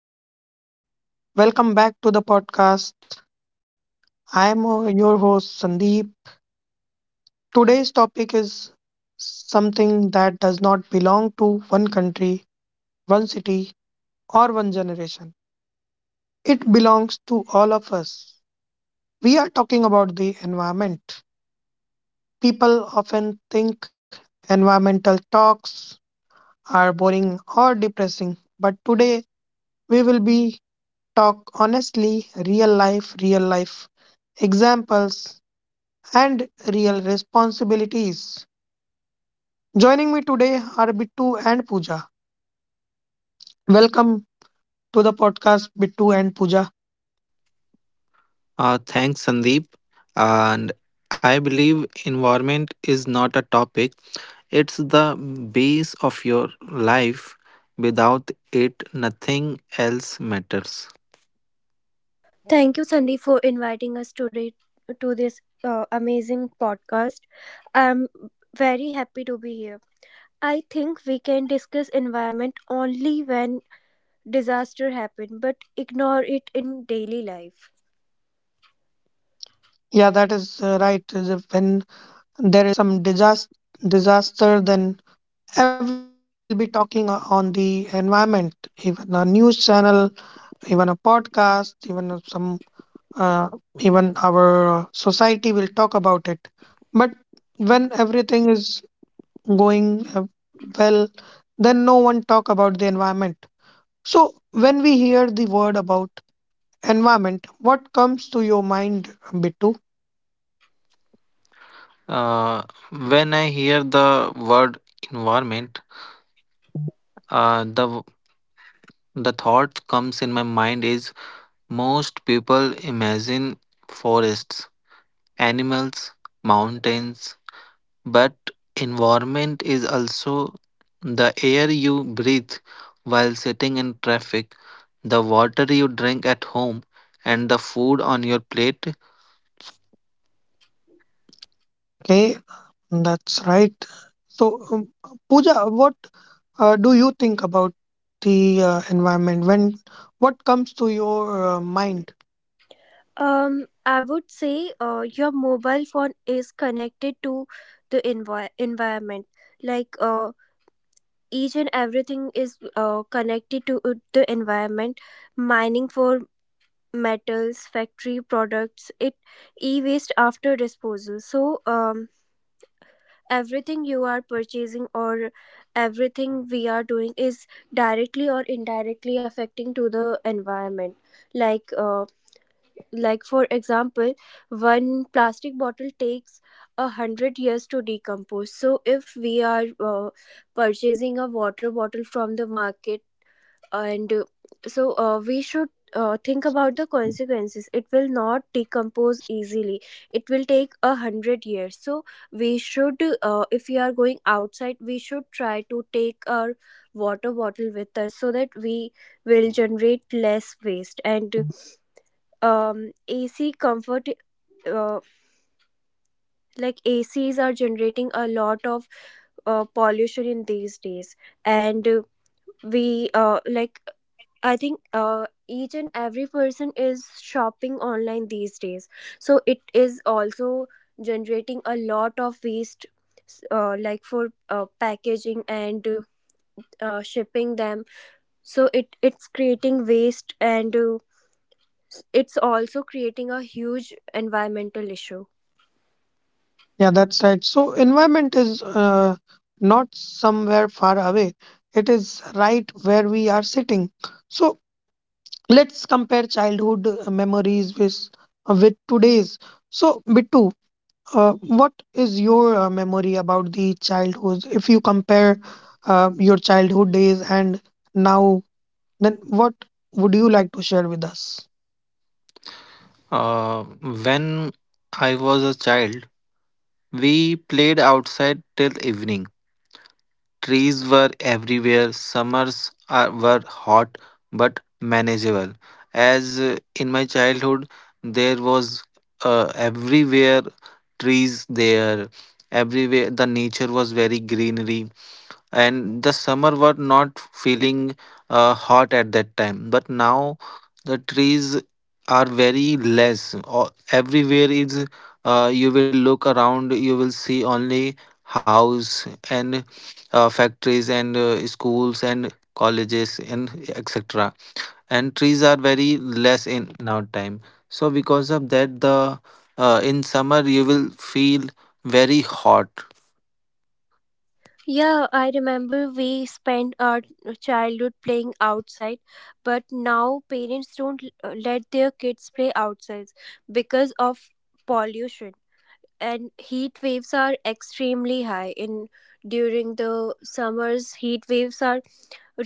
Hello, everyone. Welcome back to the podcast. I am your host, Sandeep. Today's topic is something that does not belong to one country, one city, or one generation. It belongs to all of us. We are talking about the environment. People often think environmental talks are boring or depressing, but today we will be talk honestly, real life examples and real responsibilities. Joining me today are Bittu and Pooja. Welcome to the podcast, Bittu and Pooja. Thanks, Sandeep. And I believe environment is not a topic, it's the base of your life. Without it, nothing else matters. Thank you, Sandeep, for inviting us today to this amazing podcast. I'm very happy to be here. I think we can discuss environment only when disaster happen, but ignore it in daily life. Yeah, that is right. When there is some disaster, then everyone will be talking on the environment. Even a news channel, even a podcast, even uh, even our society will talk about it. But when everything is going well, then no one talk about the environment. So when we hear the word about environment, what comes to your mind, Bittu? Uh, when I hear the word environment, uh, the the thought comes in my mind is most people imagine forests, animals, mountains, but environment is also the air you breathe while sitting in traffic, the water you drink at home, and the food on your plate. Okay, that's right. So um, Pooja, what do you think about the environment? When What comes to your mind? I would say your mobile phone is connected to the environment. Like each and everything is connected to the environment. Mining for metals, factory products, it e-waste after disposal. So everything you are purchasing or everything we are doing is directly or indirectly affecting to the environment. Like uh, like for example, one plastic bottle takes 100 years to decompose. So if we are purchasing a water bottle from the market, and so we should think about the consequences. It will not decompose easily, it will take 100 years, so we should, if we are going outside, we should try to take our water bottle with us so that we will generate less waste. And ac comfort uh, like acs are generating a lot of pollution in these days. And we like I think each and every person is shopping online these days. So it is also generating a lot of waste, like for packaging and shipping them. So it's creating waste, and it's also creating a huge environmental issue. Yeah, that's right. So environment is not somewhere far away. It is right where we are sitting. So let's compare childhood memories with today's. So Bittu, uh, what is your memory about the childhood? If you compare your childhood days and now, then what would you like to share with us? When I was a child, we played outside till evening. Trees were everywhere. Summers were hot but manageable. As in my childhood, there was everywhere trees there. Everywhere the nature was very greenery and the summer were not feeling hot at that time, but now the trees are very less, or everywhere is you will look around, you will see only house and factories and schools and colleges and etc, and trees are very less in now time. So because of that the in summer you will feel very hot. Yeah, I remember we spent our childhood playing outside, but now parents don't let their kids play outside because of pollution, and heat waves are extremely high in during the summers. Heat waves are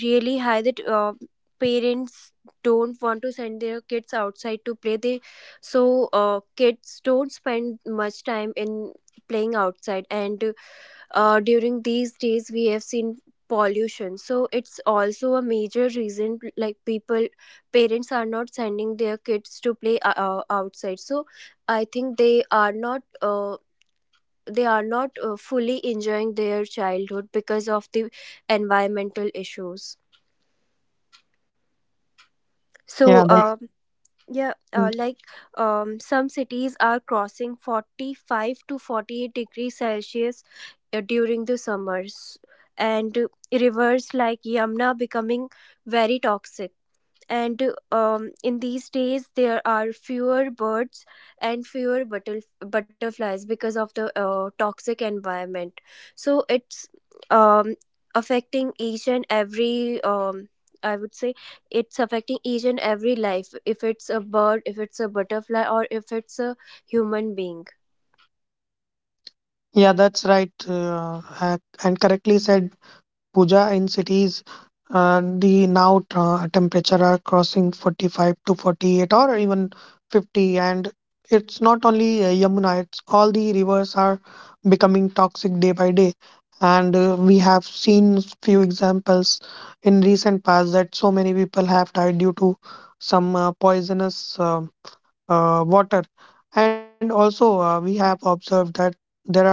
really high that parents don't want to send their kids outside to play. They so uh, kids don't spend much time in playing outside. And during these days we have seen pollution, so it's also a major reason. Like, people parents are not sending their kids to play outside. So I think they are not fully enjoying their childhood because of the environmental issues. yeah So, yeah, that, like, some cities are crossing 45 to 48 degrees Celsius during the summers, and rivers like Yamuna becoming very toxic. And in these days there are fewer birds and fewer butterflies because of the toxic environment. So, it's um, affecting each and every I would say, it's affecting each and every life, if it's a bird, if it's a butterfly, or if it's a human being. yeah that's right. And correctly said, Puja. In cities, the now temperature are crossing 45 to 48 or even 50. And it's not only Yamuna, it's all the rivers are becoming toxic day by day. And we have seen few examples in recent past that so many people have died due to some poisonous water. And also, we have observed that there are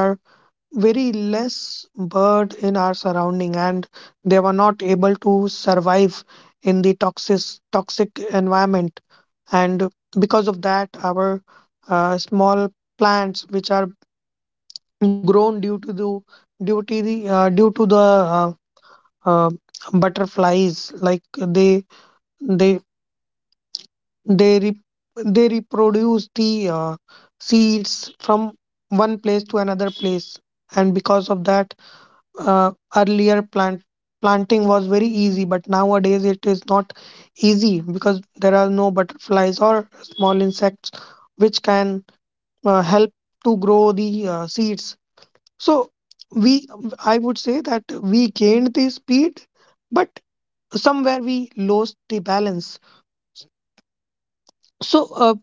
very less bird in our surrounding and they were not able to survive in the toxic environment, and because of that our small plants which are grown due to the due to the due to the uh, butterflies. Like they they re, they reproduce the seeds from one place to another place. And because of that, earlier planting was very easy, but nowadays it is not easy because there are no butterflies or small insects which can help to grow the seeds. So we I would say that we gained the speed, but somewhere we lost the balance. So uh,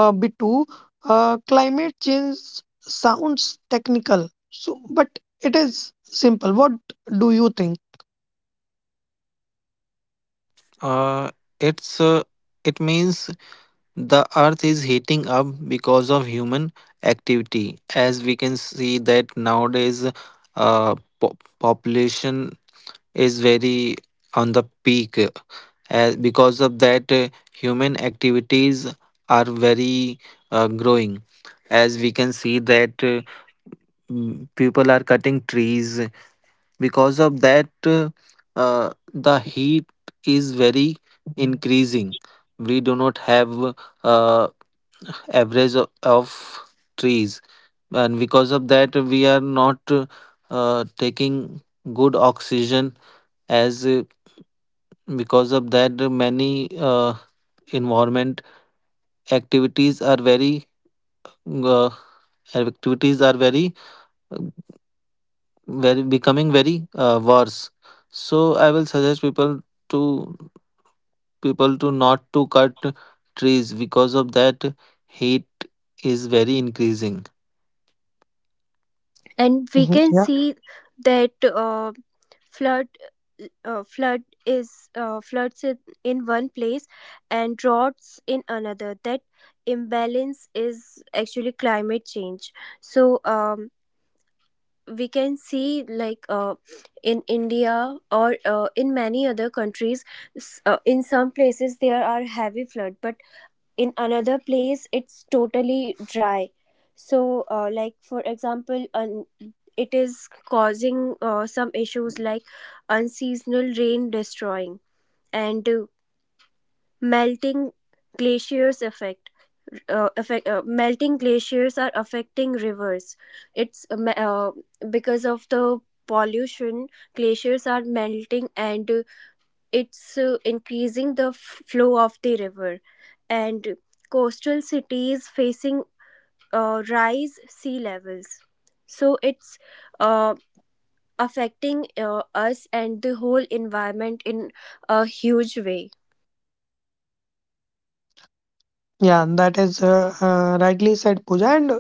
uh, Bitu, climate change sounds technical, so but it is simple. What do you think? Uh, it's uh, it means the earth is heating up because of human activity, as we can see that nowadays uh, population is very on the peak. As because of that, human activities are very growing. As we can see that people are cutting trees. Because of that, the heat is very increasing. We do not have uh, average of trees, and because of that we are not taking good oxygen. As Because of that, many environment activities are very uh, activities are very uh, becoming very worse. So I will suggest to people to not to cut trees, because of that heat is very increasing. And we can Mhm. see that flood uh, flood is floods in one place and droughts in another. That imbalance is actually climate change. So, we can see, like, in India, or in many other countries, in some places there are heavy flood, but in another place it's totally dry. So, like for example, it is causing some issues, like unseasonal rain destroying, and melting glaciers effect melting glaciers are affecting rivers. it's uh, me- uh, because of the pollution, glaciers are melting, and it's increasing the flow of the river. And coastal cities facing rise sea levels. So it's uh, affecting us and the whole environment in a huge way. Yeah, that is rightly said, Pooja. And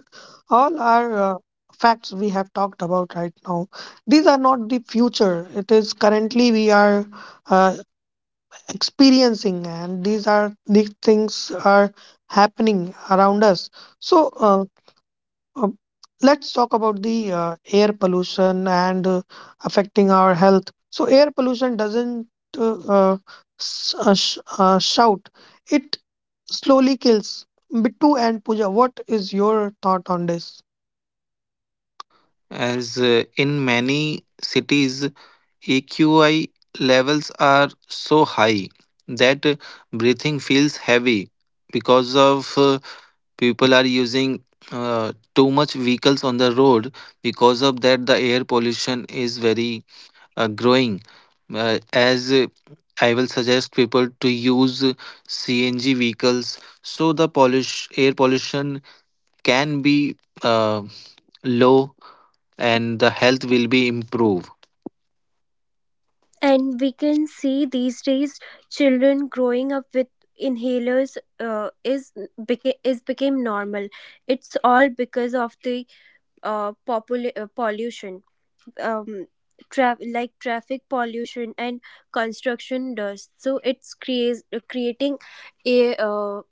all our facts we have talked about right now, these are not the future. It is currently we are uh, experiencing, and these are these things are happening around us. So uh, let's talk about the air pollution and affecting our health. So air pollution doesn't uh, uh, shout. It slowly kills. Bittu and Pooja, what is your thought on this? As uh, in many cities, AQI levels are so high that breathing feels heavy because of people are using too much vehicles on the road. Because of that, the air pollution is very growing. As I will suggest people to use CNG vehicles so the polish air pollution can be uh, low and the health will be improved. And we can see these days children growing up with inhalers is is became normal. It's all because of the pollution. um, like traffic pollution and construction dust. So it's creates creating a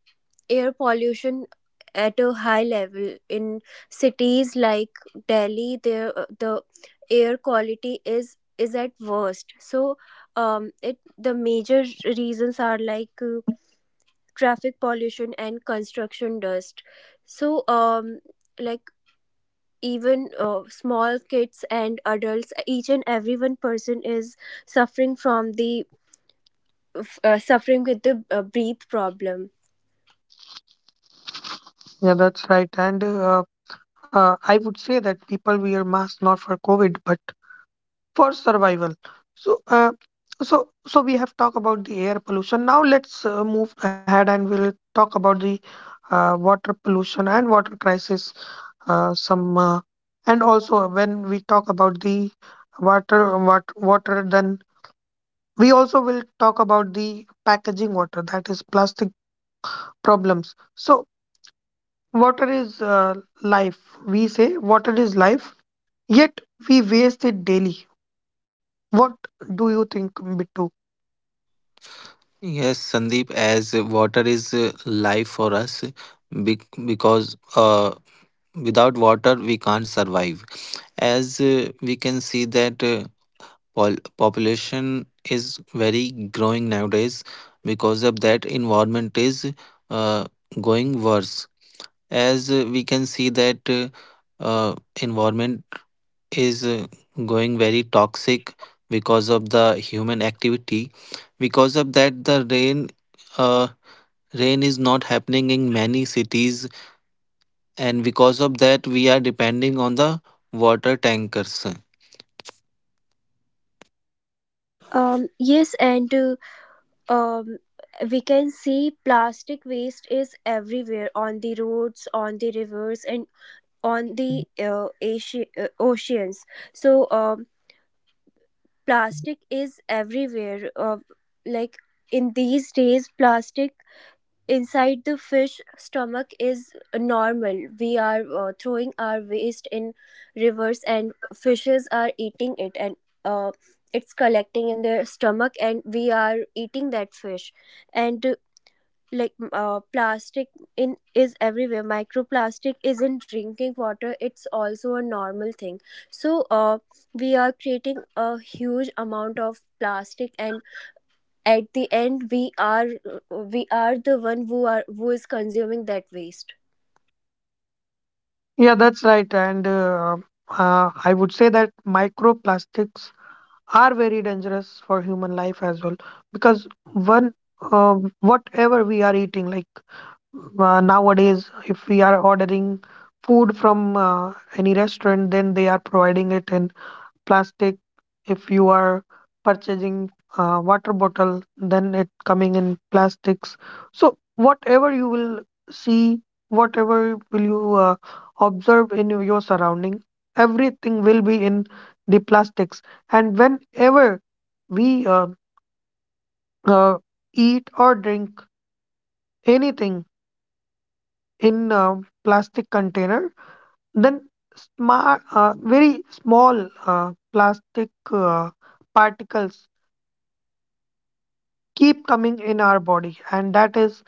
air pollution at a high level in cities like Delhi. There the air quality is at worst. So, it the major reasons are, like, traffic pollution and construction dust. So, like, even small kids and adults, each and every one person is suffering from the suffering with the breath problem. Yeah, that's right. And I would say that people wear masks not for COVID, but for survival. So, so we have talked about the air pollution. Now let's move ahead and we'll talk about the water pollution and water crisis. Some And also when we talk about the water, then we also will talk about the packaging water, that is plastic problems. So, water is life. We say water is life, yet we waste it daily. What do you think, Bittu? Yes, Sandeep, as water is life for us, because without water we can't survive. As we can see that population is very growing nowadays, because of that environment is uh, going worse. As we can see that environment is going very toxic because of the human activity. Because of that, the rain. Uh, Rain is not happening in many cities, and because of that we are depending on the water tankers. Yes, and um we can see plastic waste is everywhere, on the roads, on the rivers, and on the oceans. So, plastic is everywhere, like, in these days, plastic inside the fish stomach is normal. We are, throwing our waste in rivers, and fishes are eating it, and uh, it's collecting in their stomach, and we are eating that fish. And like, plastic in is everywhere. Microplastic is in drinking water, it's also a normal thing. So, we are creating a huge amount of plastic, and at the end, we are the one who is consuming that waste. Yeah, that's right. And I would say that microplastics are very dangerous for human life as well because one, whatever we are eating, like nowadays, if we are ordering food from any restaurant, then they are providing it in plastic. If you are purchasing water bottle, then it coming in plastics. So whatever you will see, whatever will you observe in your surrounding, everything will be in the plastics. And whenever we uh, uh, eat or drink anything in plastic container, then smart very small uh, plastic particles keep coming in our body, and that is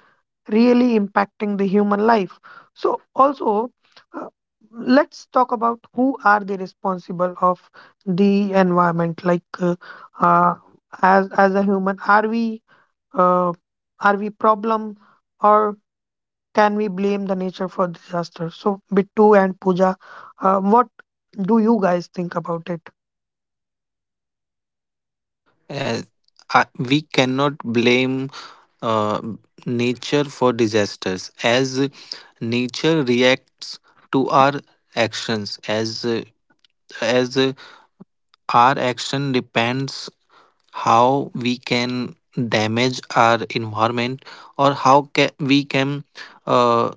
really impacting the human life. So also, uh, let's talk about who are the responsible of the environment. Like uh, as a human, uh, are we problem, or can we blame the nature for disaster? So Bittu and Puja, what do you guys think about it? As- I- we cannot blame uh, nature for disasters, as nature reacts to our actions. As Our action depends how we can damage our environment, or how we can uh,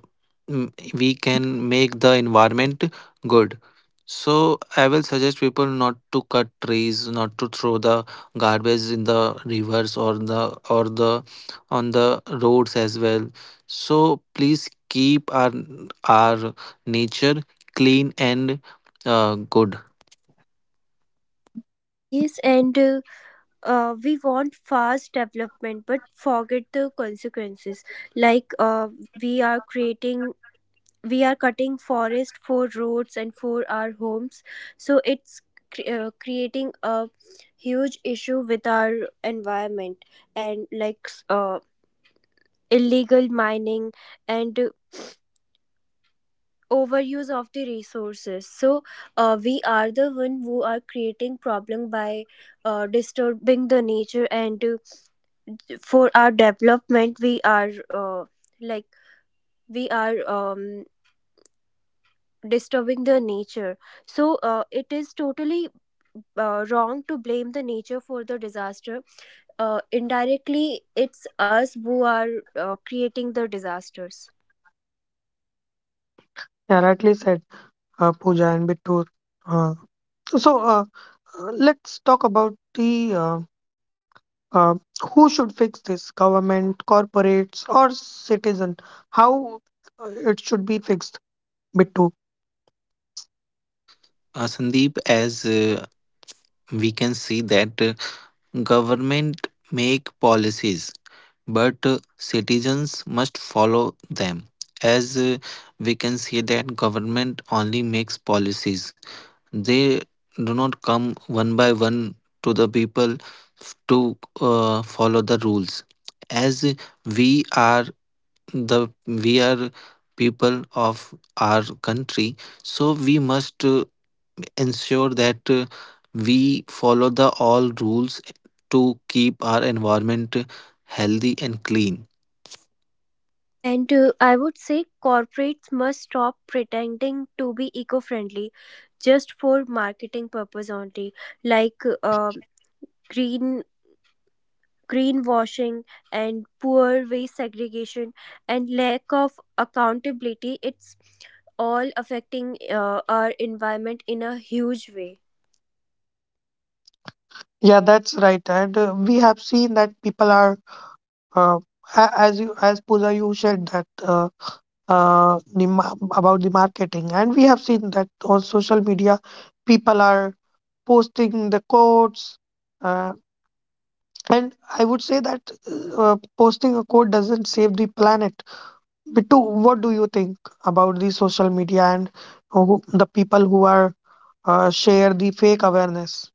we can make the environment good. So I will suggest people not to cut trees, not to throw the garbage in the rivers or the on the roads as well. So please keep our nature clean and good. Yes, and we want fast development, but forget the consequences. Like, we are creating we are cutting forest for roads and for our homes. So it's creating a huge issue with our environment. And, like, illegal mining and overuse of the resources. So, we are the one who are creating problem by disturbing the nature, and, for our development, uh, like we are disturbing the nature. So, it is totally wrong to blame the nature for the disaster. Indirectly, it's us who are creating the disasters. Yeah, rightly said, Puja and Bittu. uh, so uh, Let's talk about the uh, who should fix this, government, corporates, or citizen? How it should be fixed, Bittu? Uh, sandeep as uh, we can see that government make policies, but citizens must follow them. As we can see that government only makes policies. They do not come one by one to the people to follow the rules. As we are we are people of our country, so we must ensure that we follow the all rules to keep our environment healthy and clean. And I would say corporates must stop pretending to be eco-friendly just for marketing purpose only, like green greenwashing and poor waste segregation and lack of accountability. It's all affecting our environment in a huge way. Yeah, that's right. And we have seen that people are, uh, as you, as Pooja, you shared that about the marketing, and we have seen that on social media, people are posting the quotes. Uh, and I would say that posting a quote doesn't save the planet. Bittu, what do you think about the social media and who, the people who are share the fake awareness?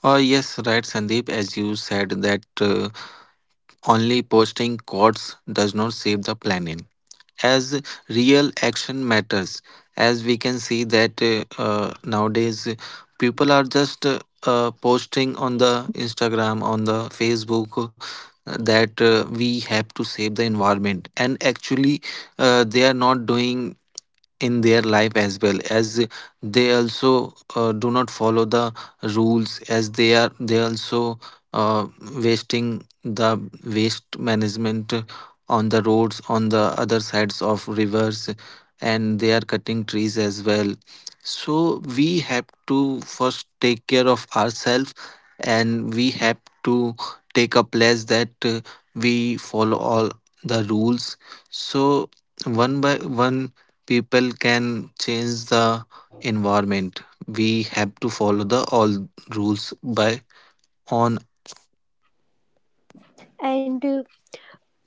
Yes, right, Sandeep. As you said, that only posting quotes does not save the planet, as real action matters. As We can see that nowadays people are just posting on the Instagram, on the Facebook, that we have to save the environment, and actually they are not doing in their life. As well as they also do not follow the rules, as they also uh, wasting the waste management on the roads, on the other sides of rivers, and they are cutting trees as well. So we have to first take care of ourselves, and we have to take a pledge that we follow all the rules. So one by one, people can change the environment. We have to follow the all rules by on. And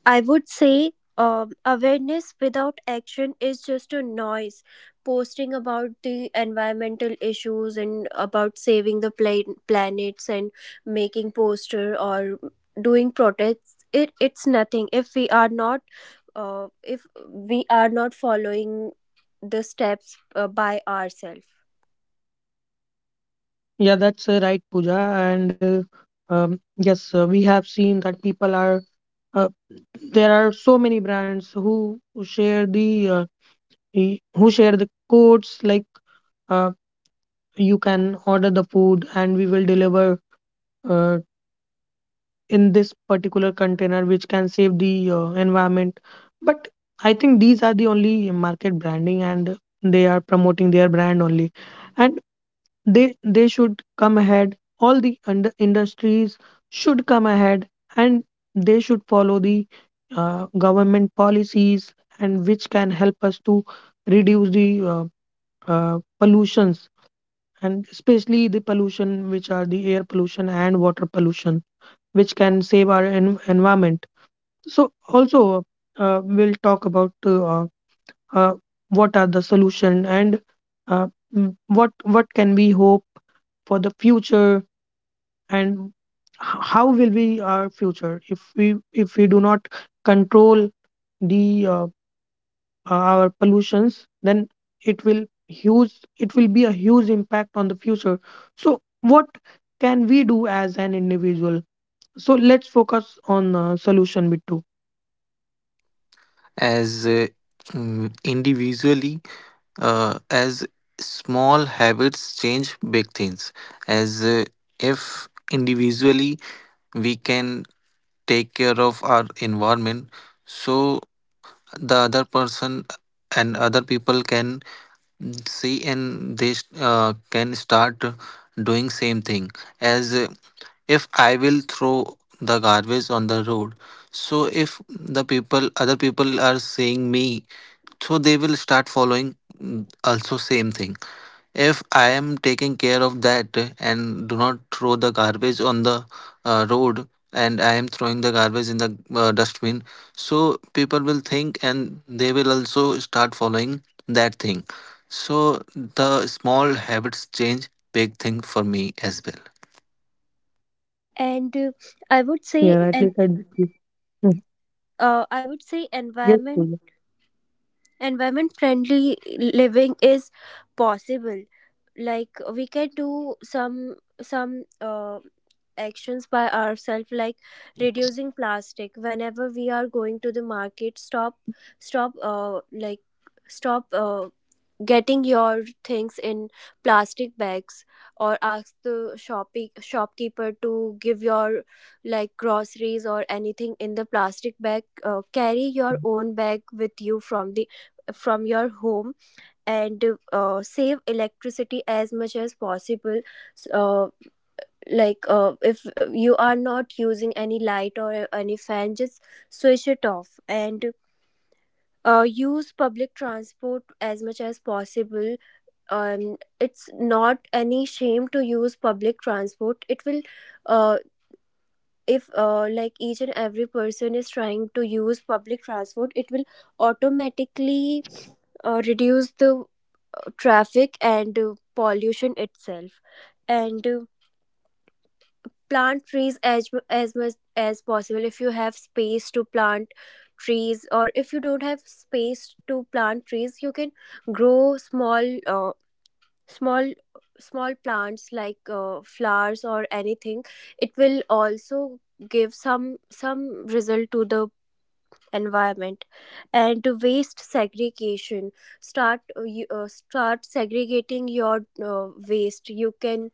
I would say, awareness without action is just a noise. Posting about the environmental issues and about saving the planets and making poster or doing protests, it's nothing. If we are not, if we are not following the steps by ourselves. Yeah, that's right, Pooja. And yes, we have seen that people are uh, there are so many brands who share the who share the codes, like uh, you can order the food and we will deliver uh, in this particular container which can save the environment. But I think these are the only market branding and they are promoting their brand only. And they they should come ahead, all the under industries should come ahead, and they should follow the government policies, and which can help us to reduce the uh, pollutions, and especially the pollution which are the air pollution and water pollution, which can save our environment. So also, we'll talk about uh, what are the solution and uh, what can we hope for the future, and how will be our future if we do not control the our pollutions. Then it will huge, it will be a huge impact on the future. So what can we do as an individual? So let's focus on solution, bit two. As uh, mm, individually uh, as small habits change big things. As If individually we can take care of our environment, so the other person and other people can see, and they can start doing same thing. As If I will throw the garbage on the road, so if the people, other people are seeing me, so they will start following also same thing. If I am taking care of that and do not throw the garbage on the road, and I am throwing the garbage in the dustbin, so people will think and they will also start following that thing. So the small habits change big thing for me as well. and Yeah, uh, rightly I said, would Vicky. say, and Hmm. uh, I would Yes, say, Pooja. Environment friendly living is possible, like we can do some actions by ourselves, like reducing plastic whenever we are going to the market. Stop stop uh, like stop uh, getting your things in plastic bags, or ask the shopping shopkeeper to give your, like, groceries or anything in the plastic bag. Carry your own bag with you from your home. And save electricity as much as possible. S- uh, like, if you are not using any light or any fan, just switch it off. And use public transport as much as possible. And it's not any shame to use public transport. It will, uh, if like, each and every person is trying to use public transport, it will automatically reduce the traffic and pollution itself. And plant trees as as much as possible. If you have space to plant trees, or if you don't have space to plant trees, you can grow small small plants, like flowers or anything. It will also give some result to the environment. And waste segregation, start segregating your waste. You can,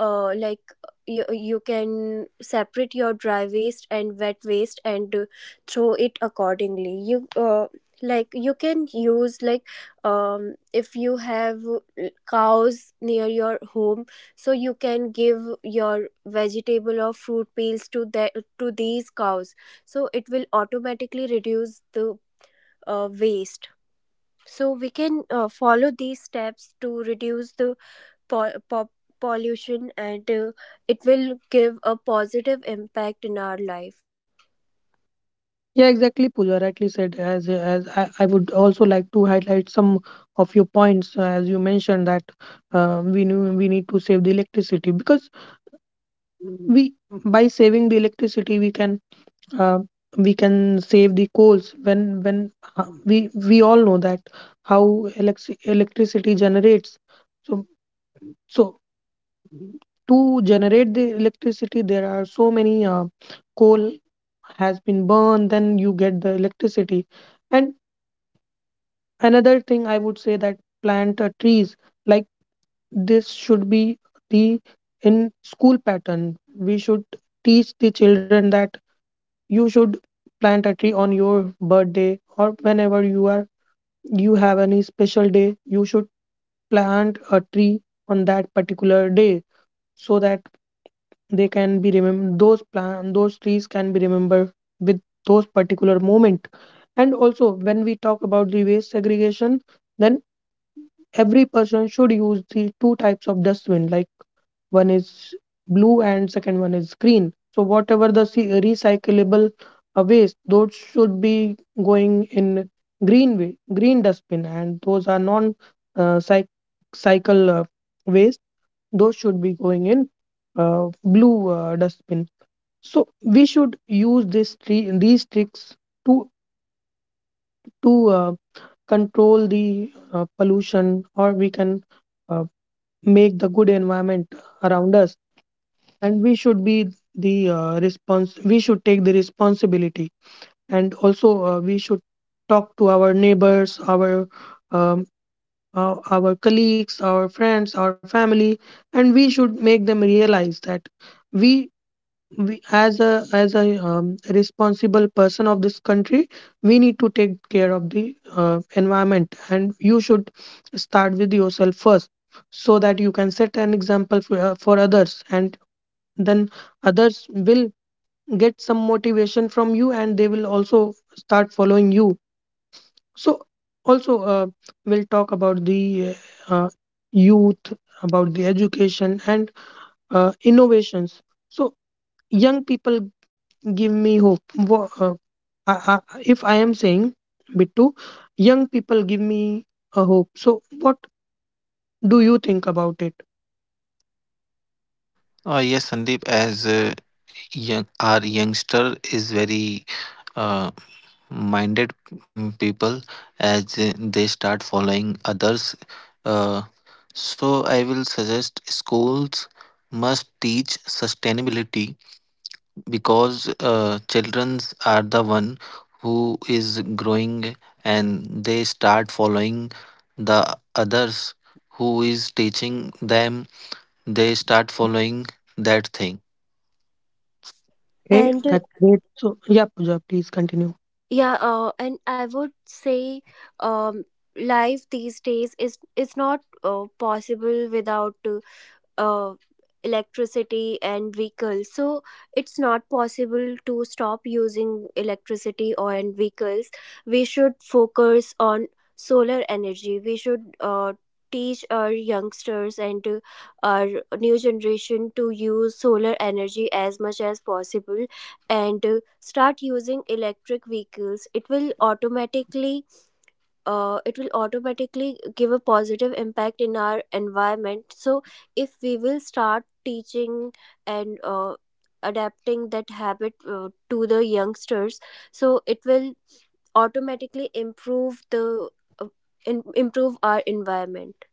like, you can separate your dry waste and wet waste, and throw it accordingly. You Like, you can use, like, if you have cows near your home, so you can give your vegetable or fruit peels to these cows. So it will automatically reduce the waste. So we can, follow these steps to reduce the po- po- pollution, and it will give a positive impact in our life. Yeah, exactly, Pooja. Rightly said. As I would also like to highlight some of your points, as you mentioned that we knew we need to save the electricity, because we by saving the electricity uh, we can save the coals. When We all know that how electricity generates. So so to generate the electricity there are so many coal has been burned, then you get the electricity. And another thing I would say that plant trees. Like this should be the in school pattern. We should teach the children that you should plant a tree on your birthday, or whenever you are you have any special day, you should plant a tree on that particular day, so that they can be remembered, those plant those trees can be remembered with those particular moment. And also when we talk about the waste segregation, then every person should use the two types of dustbin. Like one is blue and second one is green. So whatever the recyclable waste, those should be going in green way, green dustbin, and those are non uh, cy- cycle waste, those should be going in blue dustbin. So we should use this tree, these tricks, to to uh, control the pollution, or we can uh, make the good environment around us. And we should be the response. We should take the responsibility, and also we should talk to our neighbors, um, our colleagues, our friends, our family, and we should make them realize that we we as a responsible person of this country, we need to take care of the environment, and you should start with yourself first, so that you can set an example for others, and then others will get some motivation from you, and they will also start following you. So also, we'll talk about the uh, uh, youth, about the education and innovations. So young people give me hope. I, I, if I am saying, Bittu, young people give me a hope. So what do you think about it? Yes, Sandeep, as young, our youngster is very uh, minded people, as they start following others. Uh, so, I will suggest schools must teach sustainability, because children are the one who is growing, and they start following the others who is teaching them, they start following that thing. Okay, And that's great. So, yeah, Pooja, please continue. yeah, and I would say, um life these days is not possible without uh, electricity and vehicles. So it's not possible to stop using electricity or and vehicles. We should focus on solar energy. We should teach our youngsters and our new generation to use solar energy as much as possible. And start using electric vehicles. It will automatically give a positive impact in our environment. So if we will start teaching and adapting that habit to the youngsters, so it will automatically uh, improve our environment.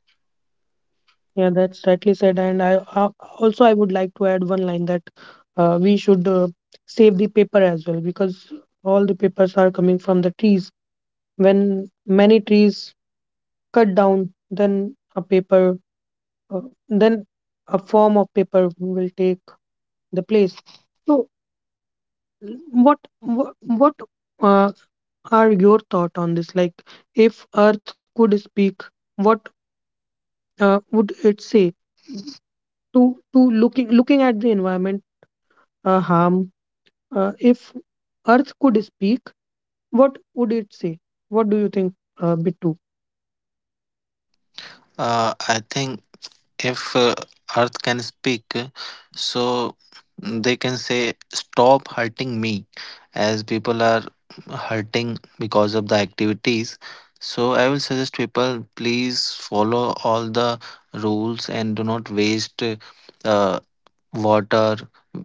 Yeah, that's rightly said. And I, also I would like to add one line that we should save the paper as well, because all the papers are coming from the trees. When many trees cut down, then a paper, then a form of paper will take the place. So, what uh, are your thought on this? Like, if Earth could speak, what would it say to looking at the environment harm? If Earth could speak, what would it say? What do you think, Bittu? I think if Earth can speak, so they can say, stop hurting me, as people are hurting because of the activities. So, I will suggest people please follow all the rules and do not waste uh, water.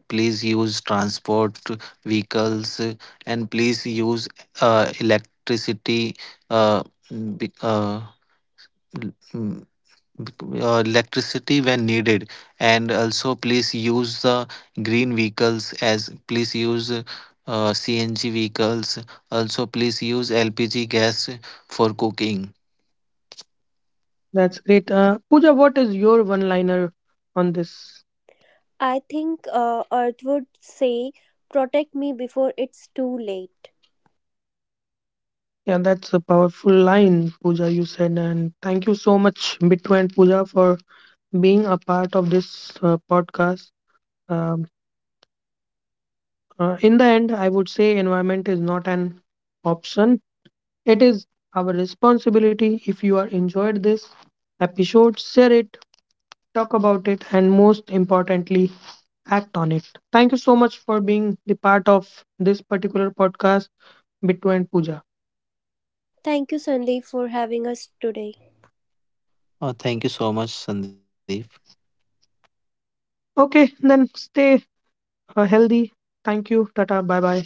Please use transport vehicles and please use electricity. Uh, be- uh, Electricity when needed. And also please use the green vehicles, as please use CNG vehicles. Also please use LPG gas for cooking. That's great. Pooja, what is your one-liner on this? I think Earth would say, protect me before it's too late. Yeah, that's a powerful line, Pooja, you said, and thank you so much, Bittu and Pooja, for being a part of this podcast. Um, in the end, I would say environment is not an option, it is our responsibility. If you are enjoyed this episode, share it, talk about it, and most importantly, act on it. Thank you so much for being the part of this particular podcast, Bittu and Pooja. Thank you, Sandeep, for having us today. Thank you so much, Sandeep. Okay, then stay healthy. Thank you. Tata. Bye bye.